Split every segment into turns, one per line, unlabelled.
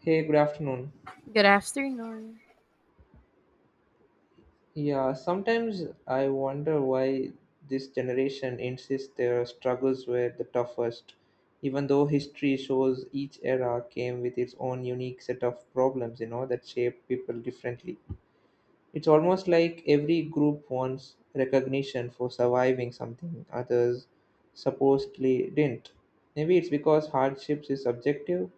Hey, good afternoon.
Good afternoon.
Yeah, sometimes I wonder why this generation insists their struggles were the toughest, even though history shows each era came with its own unique set of problems, you know, that shape people differently. It's almost like every group wants recognition for surviving something others supposedly didn't. Maybe it's because hardships is subjective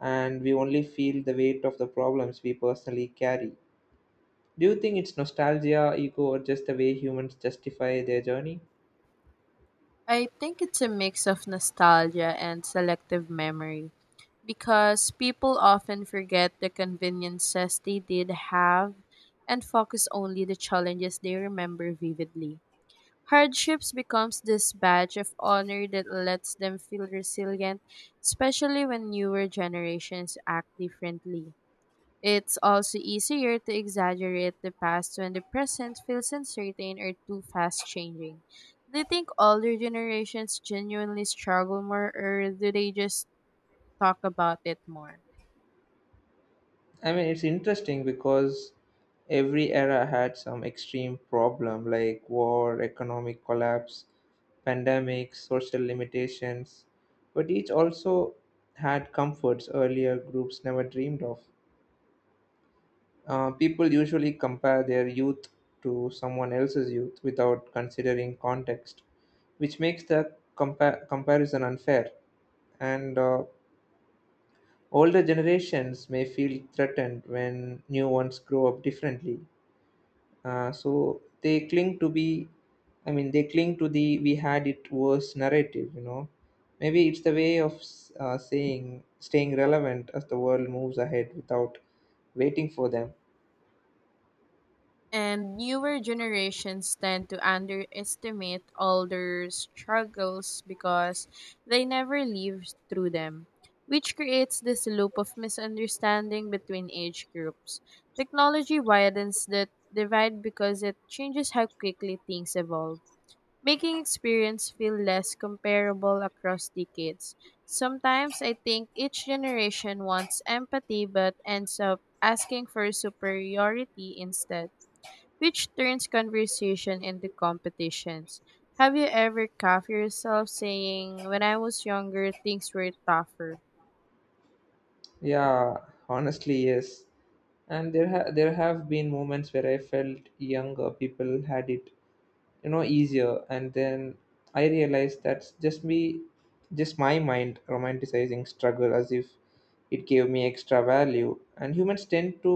and we only feel the weight of the problems we personally carry. Do you think it's nostalgia, ego, or just the way humans justify their journey?
I think it's a mix of nostalgia and selective memory because people often forget the conveniences they did have and focus only the challenges they remember vividly. Hardships becomes this badge of honor that lets them feel resilient, especially when newer generations act differently. It's also easier to exaggerate the past when the present feels uncertain or too fast changing. Do you think older generations genuinely struggle more, or do they just talk about it more?
I mean, it's interesting because every era had some extreme problem like war, economic collapse, pandemics, social limitations, but each also had comforts earlier groups never dreamed of. People usually compare their youth to someone else's youth without considering context, which makes the comparison unfair. And Older generations may feel threatened when new ones grow up differently. So they cling to be, I mean, they cling to the we had it worse narrative. Maybe it's the way of saying staying relevant as the world moves ahead without waiting for them.
And newer generations tend to underestimate older struggles because they never lived through them, which creates this loop of misunderstanding between age groups. Technology widens that divide because it changes how quickly things evolve, making experience feel less comparable across decades. Sometimes I think each generation wants empathy but ends up asking for superiority instead, which turns conversation into competitions. Have you ever caught yourself saying, "When I was younger, things were tougher?"
Yeah, honestly, yes. And there have been moments where I felt younger people had it easier and then I realized that's just me, just my mind romanticizing struggle as if it gave me extra value. And humans tend to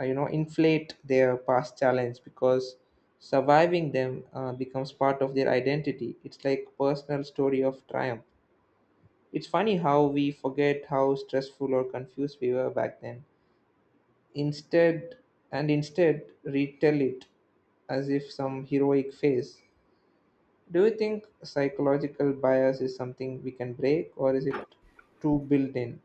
inflate their past challenge because surviving them becomes part of their identity. It's like personal story of triumph. It's funny how we forget how stressful or confused we were back then instead and instead retell it as if some heroic phase. Do you think psychological bias is something we can break, or is it too built in?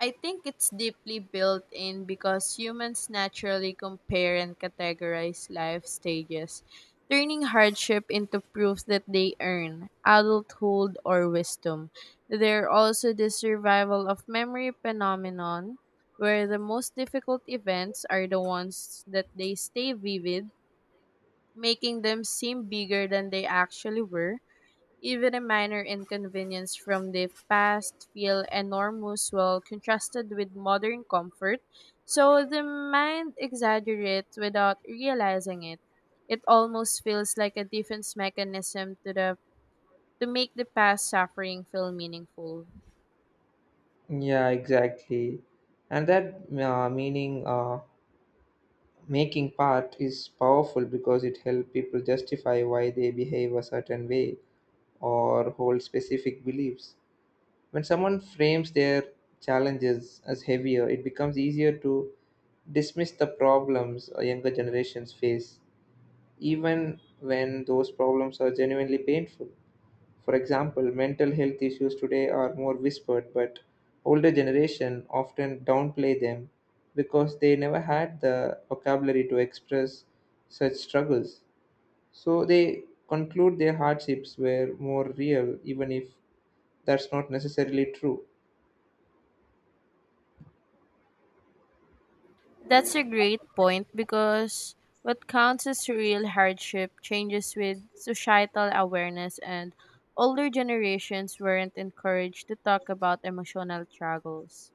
I think it's deeply built in because humans naturally compare and categorize life stages, turning hardship into proof that they earn adulthood or wisdom. They're also the survival of memory phenomenon, where the most difficult events are the ones that they stay vivid, making them seem bigger than they actually were. Even a minor inconvenience from the past feel enormous while contrasted with modern comfort. So the mind exaggerates without realizing it. It almost feels like a defense mechanism to make the past suffering feel meaningful.
Yeah, exactly. And that meaning making part is powerful because it helps people justify why they behave a certain way or hold specific beliefs. When someone frames their challenges as heavier, it becomes easier to dismiss the problems younger generations face, even when those problems are genuinely painful. For example, mental health issues today are more whispered, but older generation often downplay them because they never had the vocabulary to express such struggles. So they conclude their hardships were more real, even if that's not necessarily true.
That's a great point because what counts as real hardship changes with societal awareness, and older generations weren't encouraged to talk about emotional struggles.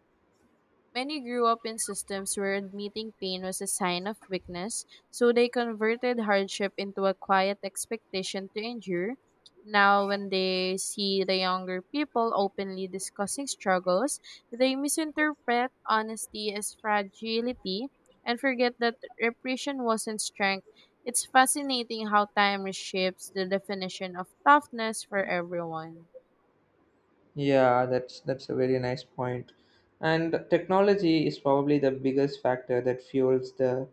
Many grew up in systems where admitting pain was a sign of weakness, so they converted hardship into a quiet expectation to endure. Now, when they see the younger people openly discussing struggles, they misinterpret honesty as fragility and forget that repression wasn't strength. It's fascinating how time reshapes the definition of toughness for everyone.
Yeah, that's a very nice point. And technology is probably the biggest factor that fuels the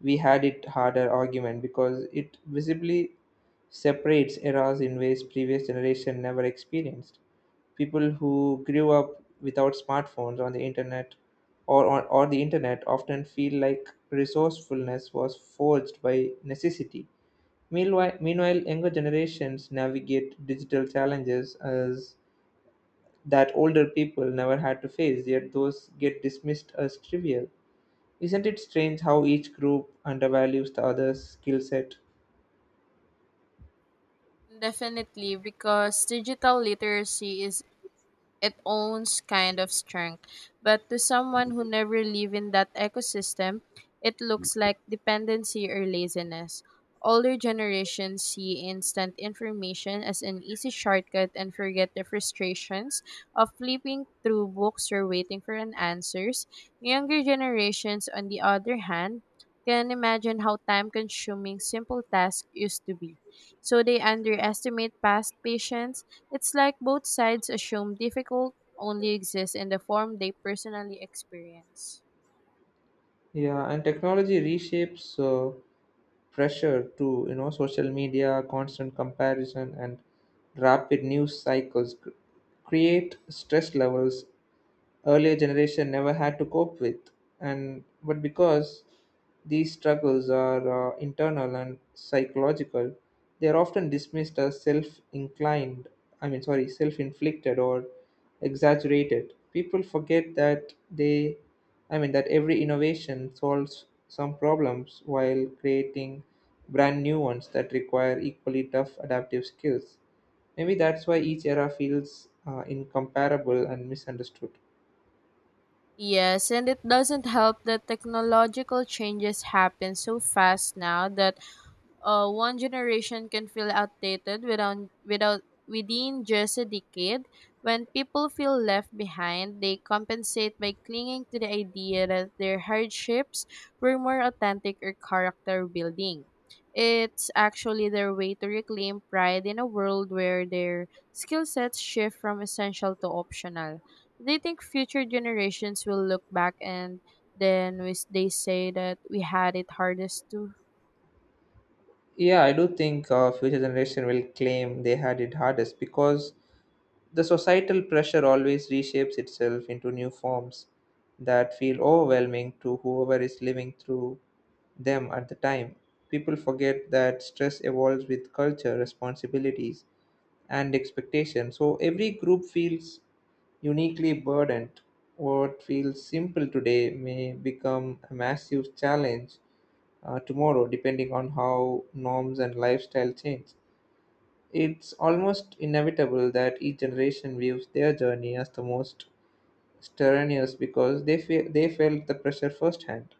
we had it harder argument because it visibly separates eras in ways previous generation never experienced. People who grew up without smartphones on the internet or the internet often feel like resourcefulness was forged by necessity. Meanwhile, younger generations navigate digital challenges as that older people never had to face, yet those get dismissed as trivial. Isn't it strange how each group undervalues the other's skill set?
Definitely, because digital literacy is it owns kind of strength. But to someone who never lived in that ecosystem, it looks like dependency or laziness. Older generations see instant information as an easy shortcut and forget the frustrations of flipping through books or waiting for an answers. Younger generations, on the other hand, can imagine how time consuming simple tasks used to be. So they underestimate past patience, it's like both sides assume difficult only exists in the form they personally experience.
Yeah, and technology reshapes pressure to, you know, social media, constant comparison, and rapid news create stress levels earlier generation never had to cope with. And but because these struggles are internal and psychological, they are often dismissed as self inclined I mean sorry self inflicted or exaggerated. People forget that they I mean that every innovation solves some problems while creating brand new ones that require equally tough adaptive skills. Maybe that's why each era feels incomparable and misunderstood.
Yes, and it doesn't help that technological changes happen so fast now that one generation can feel outdated without within just a decade. When people feel left behind, they compensate by clinging to the idea that their hardships were more authentic or character building. It's actually their way to reclaim pride in a world where their skill sets shift from essential to optional. They think future generations will look back and then they say that we had it hardest too.
Yeah, I do think future generation will claim they had it hardest because the societal pressure always reshapes itself into new forms that feel overwhelming to whoever is living through them at the time. People forget that stress evolves with culture, responsibilities, and expectations, so every group feels uniquely burdened. What feels simple today may become a massive challenge tomorrow, depending on how norms and lifestyle change. It's almost inevitable that each generation views their journey as the most strenuous because they felt the pressure firsthand.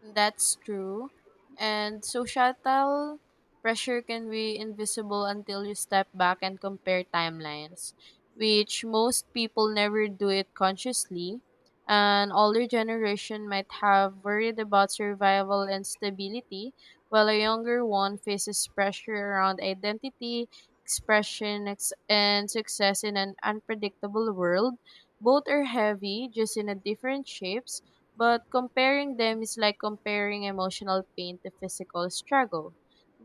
That's true. And societal pressure can be invisible until you step back and compare timelines, which most people never do it consciously. An older generation might have worried about survival and stability, while a younger one faces pressure around identity, expression, and success in an unpredictable world. Both are heavy, just in a different shapes, but comparing them is like comparing emotional pain to physical struggle.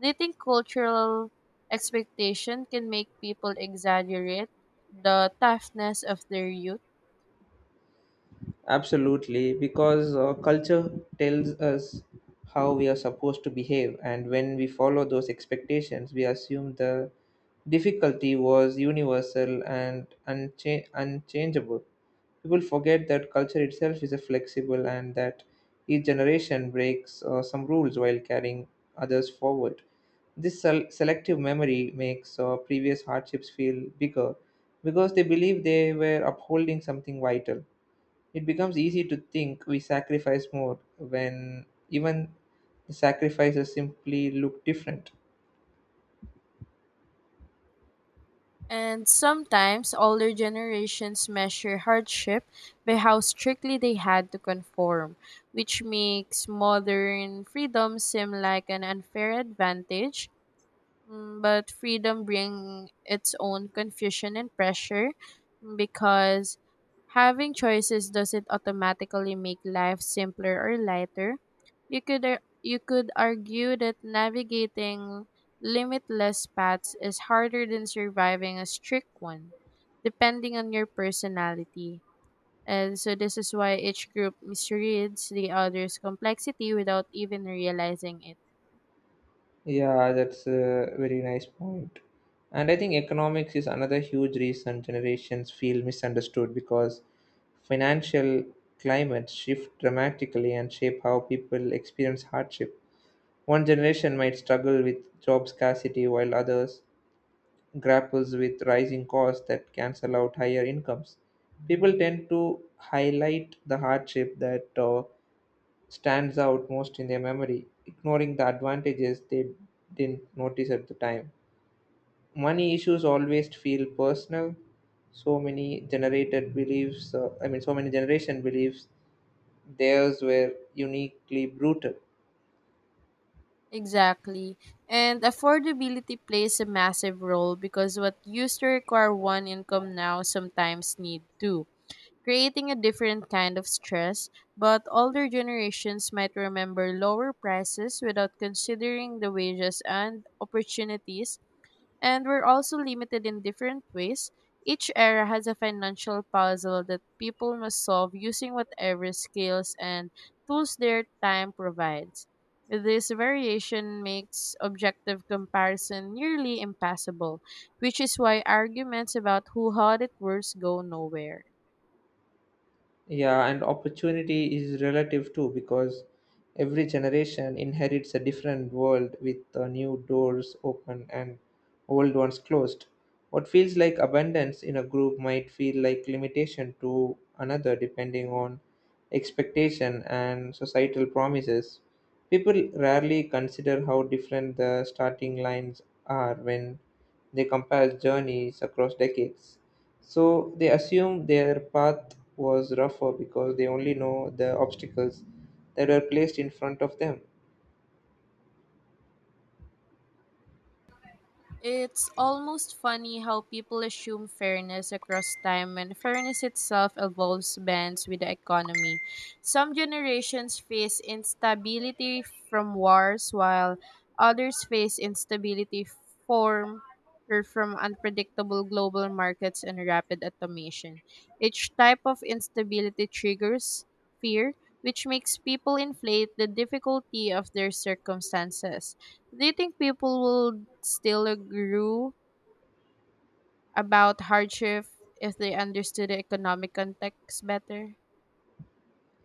Do you think cultural expectation can make people exaggerate the toughness of their youth?
Absolutely, because culture tells us how we are supposed to behave, and when we follow those expectations, we assume the difficulty was universal and unchangeable. People forget that culture itself is a flexible and that each generation breaks some rules while carrying others forward. This selective memory makes previous hardships feel bigger because they believe they were upholding something vital. It becomes easy to think we sacrifice more when even the sacrifices simply look different.
And sometimes older generations measure hardship by how strictly they had to conform, which makes modern freedom seem like an unfair advantage. Mm, but freedom bring its own confusion and pressure, mm, because having choices doesn't automatically make life simpler or lighter. You could argue that navigating limitless paths is harder than surviving a strict one, depending on your personality. And so this is why each group misreads the other's complexity without even realizing it.
Yeah, that's a very nice point. And I think economics is another huge reason generations feel misunderstood because financial climates shift dramatically and shape how people experience hardship. One generation might struggle with job scarcity while others grapples with rising costs that cancel out higher incomes. People tend to highlight the hardship that stands out most in their memory, ignoring the advantages they didn't notice at the time. Money issues always feel personal. So many generated beliefs, I mean, so many generation beliefs, theirs were uniquely brutal.
Exactly. And affordability plays a massive role because what used to require one income now sometimes need two, creating a different kind of stress. But older generations might remember lower prices without considering the wages and opportunities, and we're also limited in different ways. Each era has a financial puzzle that people must solve using whatever skills and tools their time provides. This variation makes objective comparison nearly impassable, which is why arguments about who had it worse go nowhere.
Yeah, and opportunity is relative too because every generation inherits a different world with new doors open and old ones closed. What feels like abundance in a group might feel like limitation to another depending on expectation and societal promises. People rarely consider how different the starting lines are when they compare journeys across decades, so they assume their path was rougher because they only know the obstacles that were placed in front of them.
It's almost funny how people assume fairness across time when fairness itself evolves bends with the economy. Some generations face instability from wars, while others face instability from, or from unpredictable global markets and rapid automation. Each type of instability triggers fear, which makes people inflate the difficulty of their circumstances. Do you think people will still agree about hardship if they understood the economic context better?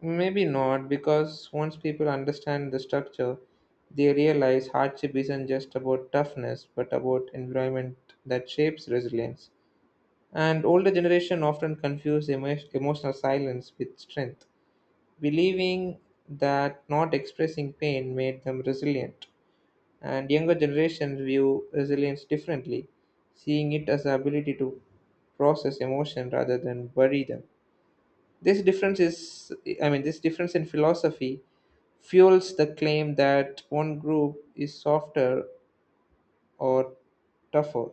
Maybe not, because once people understand the structure, they realize hardship isn't just about toughness, but about environment that shapes resilience. And older generation often confuse emotional silence with strength, believing that not expressing pain made them resilient. And younger generations view resilience differently, seeing it as the ability to process emotion rather than bury them. This difference is, I mean, this difference in philosophy fuels the claim that one group is softer or tougher.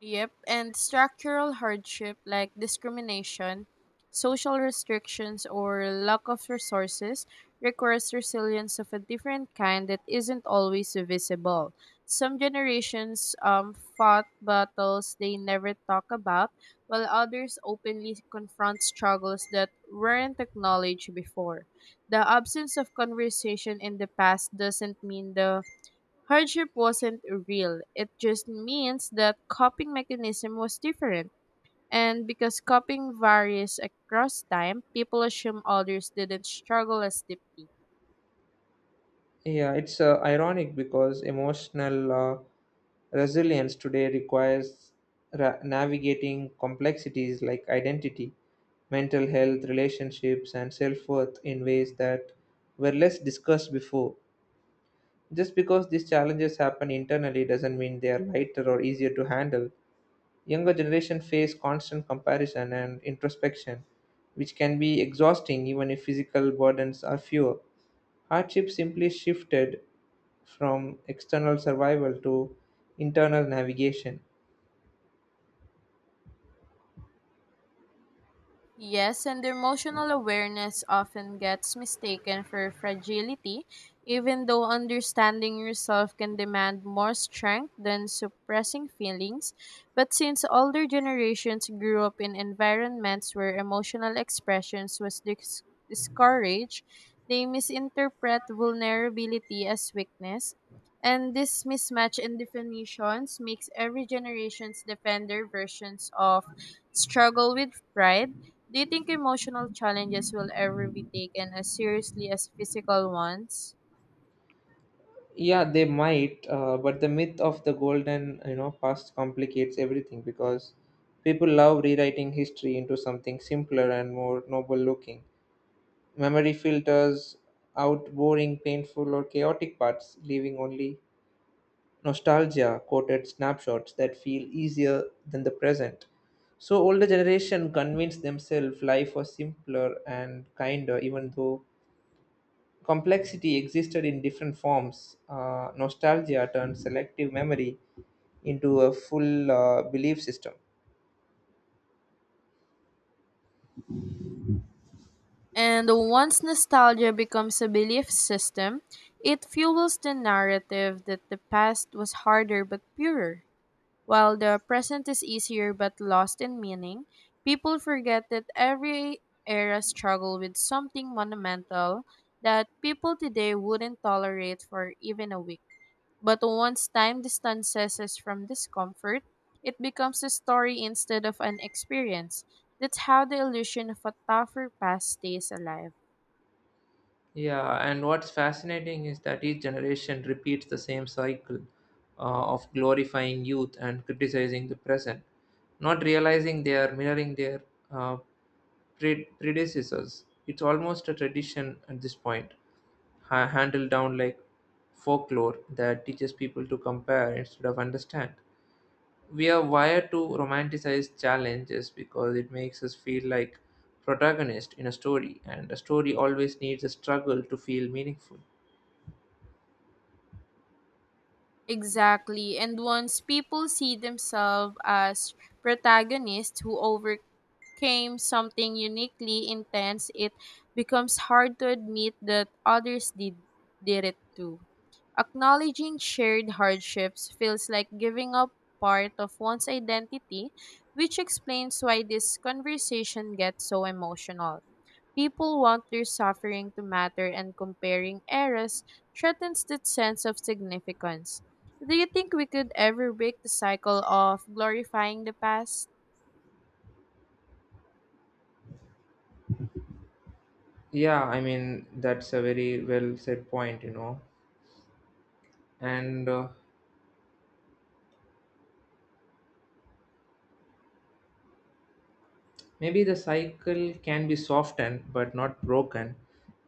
Yep, and structural hardship like discrimination, social restrictions, or lack of resources requires resilience of a different kind that isn't always visible. Some generations fought battles they never talk about, while others openly confront struggles that weren't acknowledged before. The absence of conversation in the past doesn't mean the hardship wasn't real. It just means that coping mechanism was different. And because coping varies across time, people assume others didn't struggle as deeply.
Yeah, it's ironic because emotional resilience today requires navigating complexities like identity, mental health, relationships, and self worth in ways that were less discussed before. Just because these challenges happen internally doesn't mean they are lighter or easier to handle. Younger generation face constant comparison and introspection, which can be exhausting even if physical burdens are fewer. Hardship simply shifted from external survival to internal navigation.
Yes, and emotional awareness often gets mistaken for fragility, even though understanding yourself can demand more strength than suppressing feelings. But since older generations grew up in environments where emotional expressions was discouraged, they misinterpret vulnerability as weakness. And this mismatch in definitions makes every generation's defender versions of struggle with pride. Do you think emotional challenges will ever be taken as seriously as physical ones?
Yeah, they might, but the myth of the golden, you know, past complicates everything because people love rewriting history into something simpler and more noble looking. Memory filters out boring, painful, or chaotic parts, leaving only nostalgia coated snapshots that feel easier than the present. So older generation convinced themselves life was simpler and kinder, even though complexity existed in different forms. Nostalgia turned selective memory into a full belief system.
And once nostalgia becomes a belief system, it fuels the narrative that the past was harder but purer, while the present is easier but lost in meaning. People forget that every era struggled with something monumental that people today wouldn't tolerate for even a week. But once time distances us from discomfort, it becomes a story instead of an experience. That's how the illusion of a tougher past stays alive.
Yeah, and what's fascinating is that each generation repeats the same cycle of glorifying youth and criticizing the present, not realizing they are mirroring their uh, predecessors. It's almost a tradition at this point, handled down like folklore that teaches people to compare instead of understand. We are wired to romanticize challenges because it makes us feel like protagonist in a story, and a story always needs a struggle to feel meaningful.
Exactly. And once people see themselves as protagonists who overcame something uniquely intense, it becomes hard to admit that others did it too. Acknowledging shared hardships feels like giving up part of one's identity, which explains why this conversation gets so emotional. People want their suffering to matter, and comparing eras threatens that sense of significance. Do you think we could ever break the cycle of glorifying the past?
Yeah, that's a very well said point you know and Maybe the cycle can be softened but not broken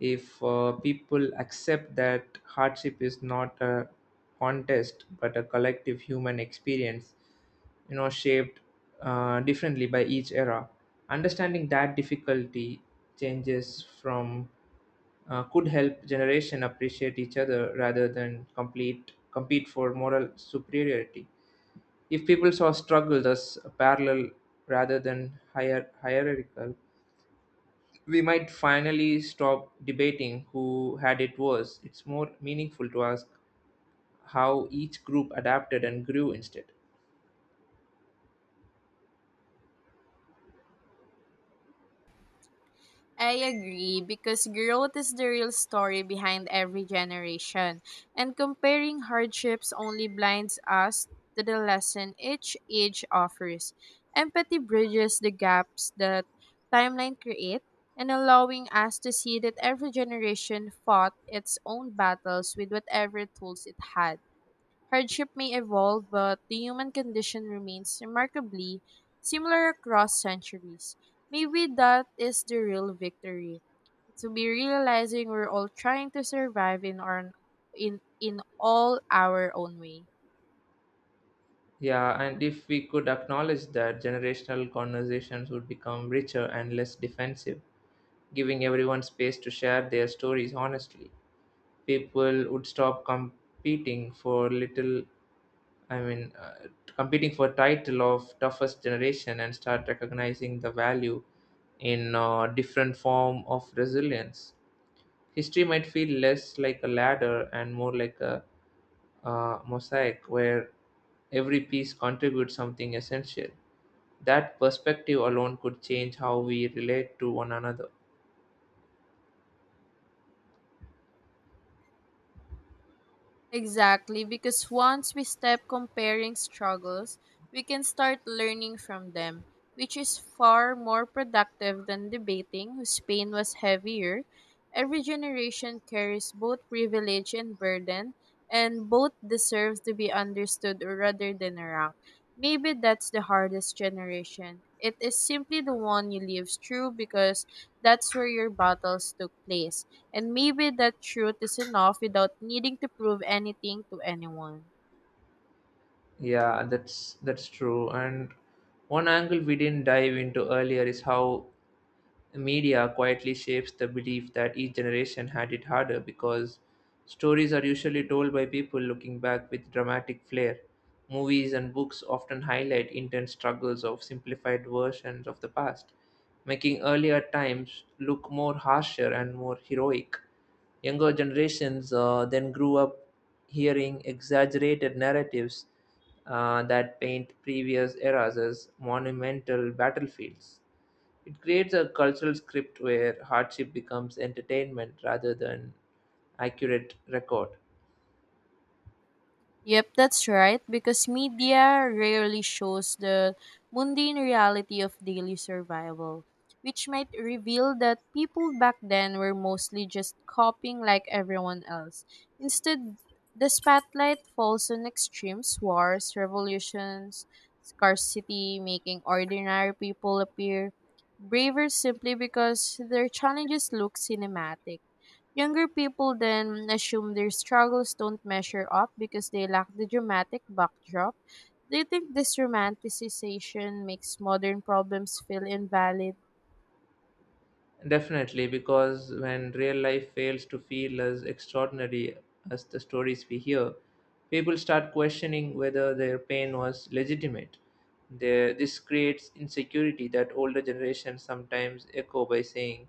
if people accept that hardship is not a contest but a collective human experience, you know, shaped differently by each era. Understanding that difficulty changes from could help generation appreciate each other rather than complete compete for moral superiority. If people saw struggle as parallel rather than hierarchical, we might finally stop debating who had it worse. It's more meaningful to ask how each group adapted and grew instead.
I agree because growth is the real story behind every generation, and comparing hardships only blinds us to the lesson each age offers. Empathy bridges the gaps that timeline create and allowing us to see that every generation fought its own battles with whatever tools it had. Hardship may evolve, but the human condition remains remarkably similar across centuries. Maybe that is the real victory. To be realizing we're all trying to survive in our in all our own way.
Yeah, and if we could acknowledge that, generational conversations would become richer and less defensive, giving everyone space to share their stories honestly. People would stop competing for I mean, uh, competing for title of toughest generation and start recognizing the value in a different form of resilience. History might feel less like a ladder and more like a mosaic where every piece contributes something essential. That perspective alone could change how we relate to one another.
Exactly, because once we stop comparing struggles, we can start learning from them, which is far more productive than debating whose pain was heavier. Every generation carries both privilege and burden, and both deserve to be understood rather than ranked. Maybe that's the hardest generation. It is simply the one you live through because that's where your battles took place. And maybe that truth is enough without needing to prove anything to anyone.
Yeah, that's true. And one angle we didn't dive into earlier is how media quietly shapes the belief that each generation had it harder because stories are usually told by people looking back with dramatic flair. Movies and books often highlight intense struggles of simplified versions of the past, making earlier times look more harsher and more heroic. Younger generations then grew up hearing exaggerated narratives that paint previous eras as monumental battlefields. It creates a cultural script where hardship becomes entertainment rather than accurate record.
Yep, that's right, because media rarely shows the mundane reality of daily survival, which might reveal that people back then were mostly just coping like everyone else. Instead, the spotlight falls on extremes, wars, revolutions, scarcity, making ordinary people appear braver simply because their challenges look cinematic. Younger people then assume their struggles don't measure up because they lack the dramatic backdrop. Do you think this romanticization makes modern problems feel invalid?
Definitely, because when real life fails to feel as extraordinary as the stories we hear, people start questioning whether their pain was legitimate. This creates insecurity that older generations sometimes echo by saying,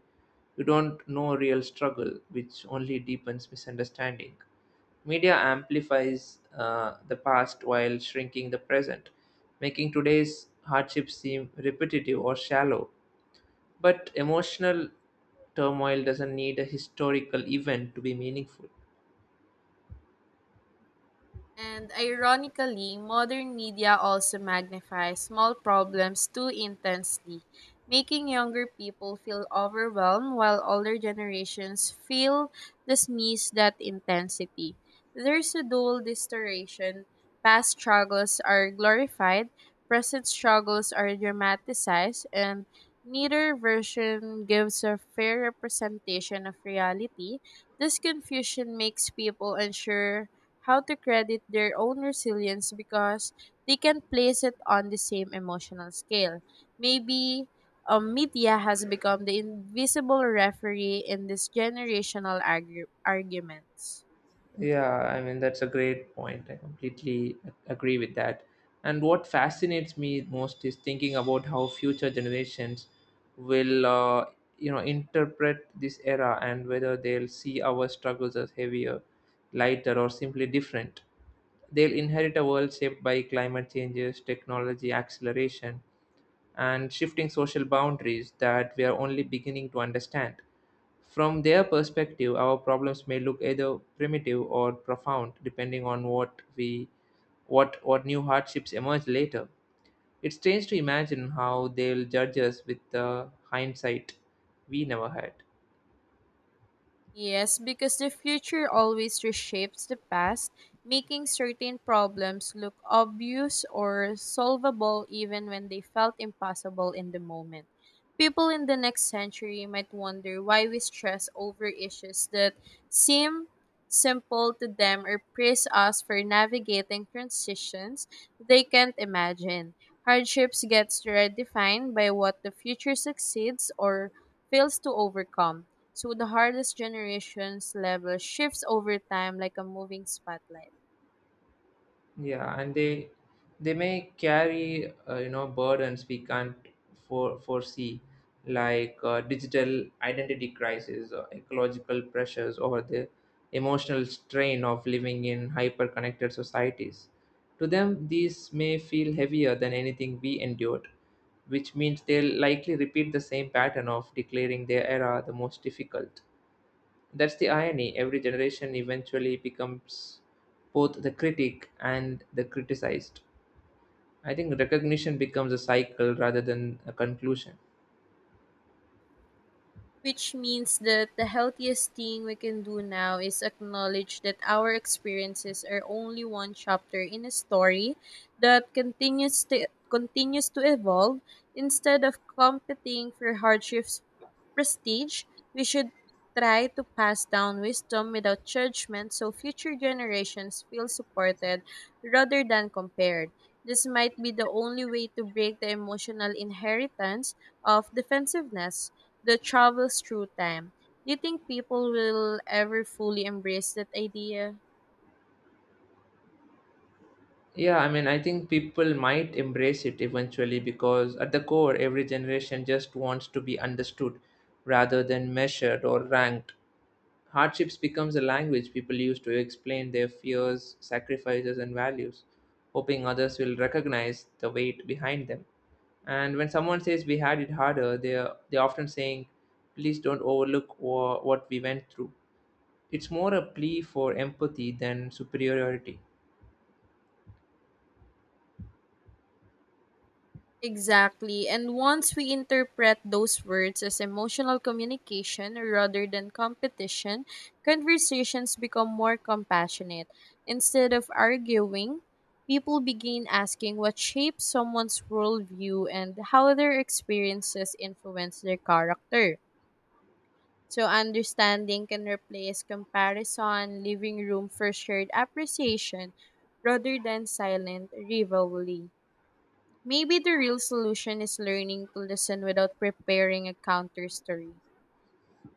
"You don't know real struggle," which only deepens misunderstanding. Media amplifies the past while shrinking the present, making today's hardships seem repetitive or shallow, but emotional turmoil doesn't need a historical event to be meaningful.
And ironically, modern media also magnifies small problems too intensely, making younger people feel overwhelmed while older generations feel dismiss that intensity. There's a dual distortion. Past struggles are glorified, present struggles are dramatized, and neither version gives a fair representation of reality. This confusion makes people unsure how to credit their own resilience because they can place it on the same emotional scale. Maybe media has become the invisible referee in this generational arguments.
Yeah, I mean, that's a great point. I completely agree with that. And what fascinates me most is thinking about how future generations will, interpret this era and whether they'll see our struggles as heavier, lighter, or simply different. They'll inherit a world shaped by climate changes, technology acceleration, and shifting social boundaries that we are only beginning to understand. From their perspective, our problems may look either primitive or profound, depending on what we what new hardships emerge later. It's strange to imagine how they'll judge us with the hindsight we never had.
Yes, because the future always reshapes the past, making certain problems look obvious or solvable even when they felt impossible in the moment. People in the next century might wonder why we stress over issues that seem simple to them or praise us for navigating transitions they can't imagine. Hardships gets redefined by what the future succeeds or fails to overcome, so the hardest generations level shifts over time like a moving spotlight.
Yeah, and they may carry burdens we can't foresee, like digital identity crisis, or ecological pressures, or the emotional strain of living in hyper-connected societies. To them, these may feel heavier than anything we endured, which means they'll likely repeat the same pattern of declaring their era the most difficult. That's the irony. Every generation eventually becomes both the critic and the criticized. I think recognition becomes a cycle rather than a conclusion.
Which means that the healthiest thing we can do now is acknowledge that our experiences are only one chapter in a story that continues to evolve. Instead of competing for hardships prestige, we should try to pass down wisdom without judgment so future generations feel supported rather than compared. This might be the only way to break the emotional inheritance of defensiveness that travels through time. Do you think people will ever fully embrace that idea?
Yeah, I mean, I think people might embrace it eventually because at the core, every generation just wants to be understood rather than measured or ranked. Hardships becomes a language people use to explain their fears, sacrifices, and values, hoping others will recognize the weight behind them. And when someone says we had it harder, they are often saying, please don't overlook what we went through. It's more a plea for empathy than superiority.
Exactly. And once we interpret those words as emotional communication rather than competition, conversations become more compassionate. Instead of arguing, people begin asking what shapes someone's worldview and how their experiences influence their character. So understanding can replace comparison, leaving room for shared appreciation rather than silent rivalry. Maybe the real solution is learning to listen without preparing a counter story.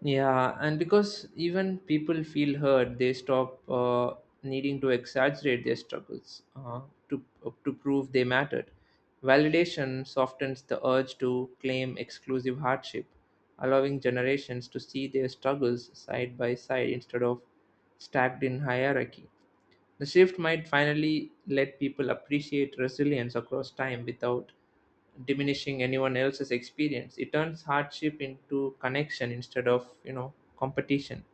Yeah, and because even people feel hurt, they stop needing to exaggerate their struggles to prove they mattered. Validation softens the urge to claim exclusive hardship, allowing generations to see their struggles side by side instead of stacked in hierarchy. The shift might finally let people appreciate resilience across time without diminishing anyone else's experience. It turns hardship into connection instead of, you know, competition.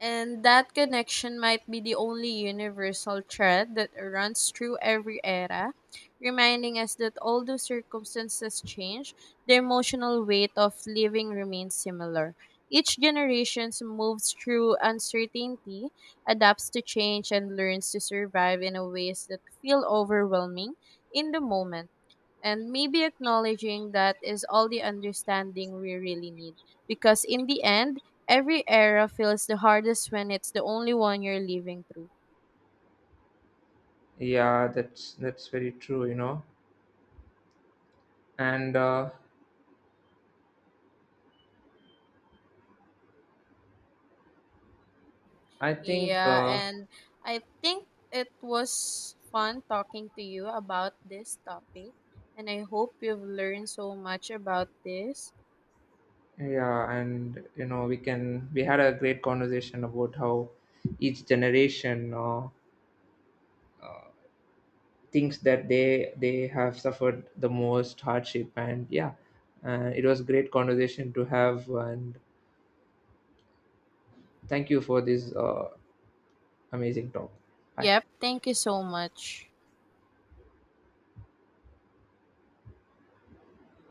And that connection might be the only universal thread that runs through every era, reminding us that although circumstances change, the emotional weight of living remains similar. Each generation moves through uncertainty, adapts to change, and learns to survive in a ways that feel overwhelming in the moment, and maybe acknowledging that is all the understanding we really need, because in the end every era feels the hardest when it's the only one you're living through.
Yeah, that's very true, you know. And I think
Yeah, and I think it was fun talking to you about this topic, and I hope you've learned so much about this.
yeah, and you know, we had a great conversation about how each generation thinks that they have suffered the most hardship. And yeah, it was great conversation to have, and thank you for this amazing talk. Bye.
Yep, thank you so much.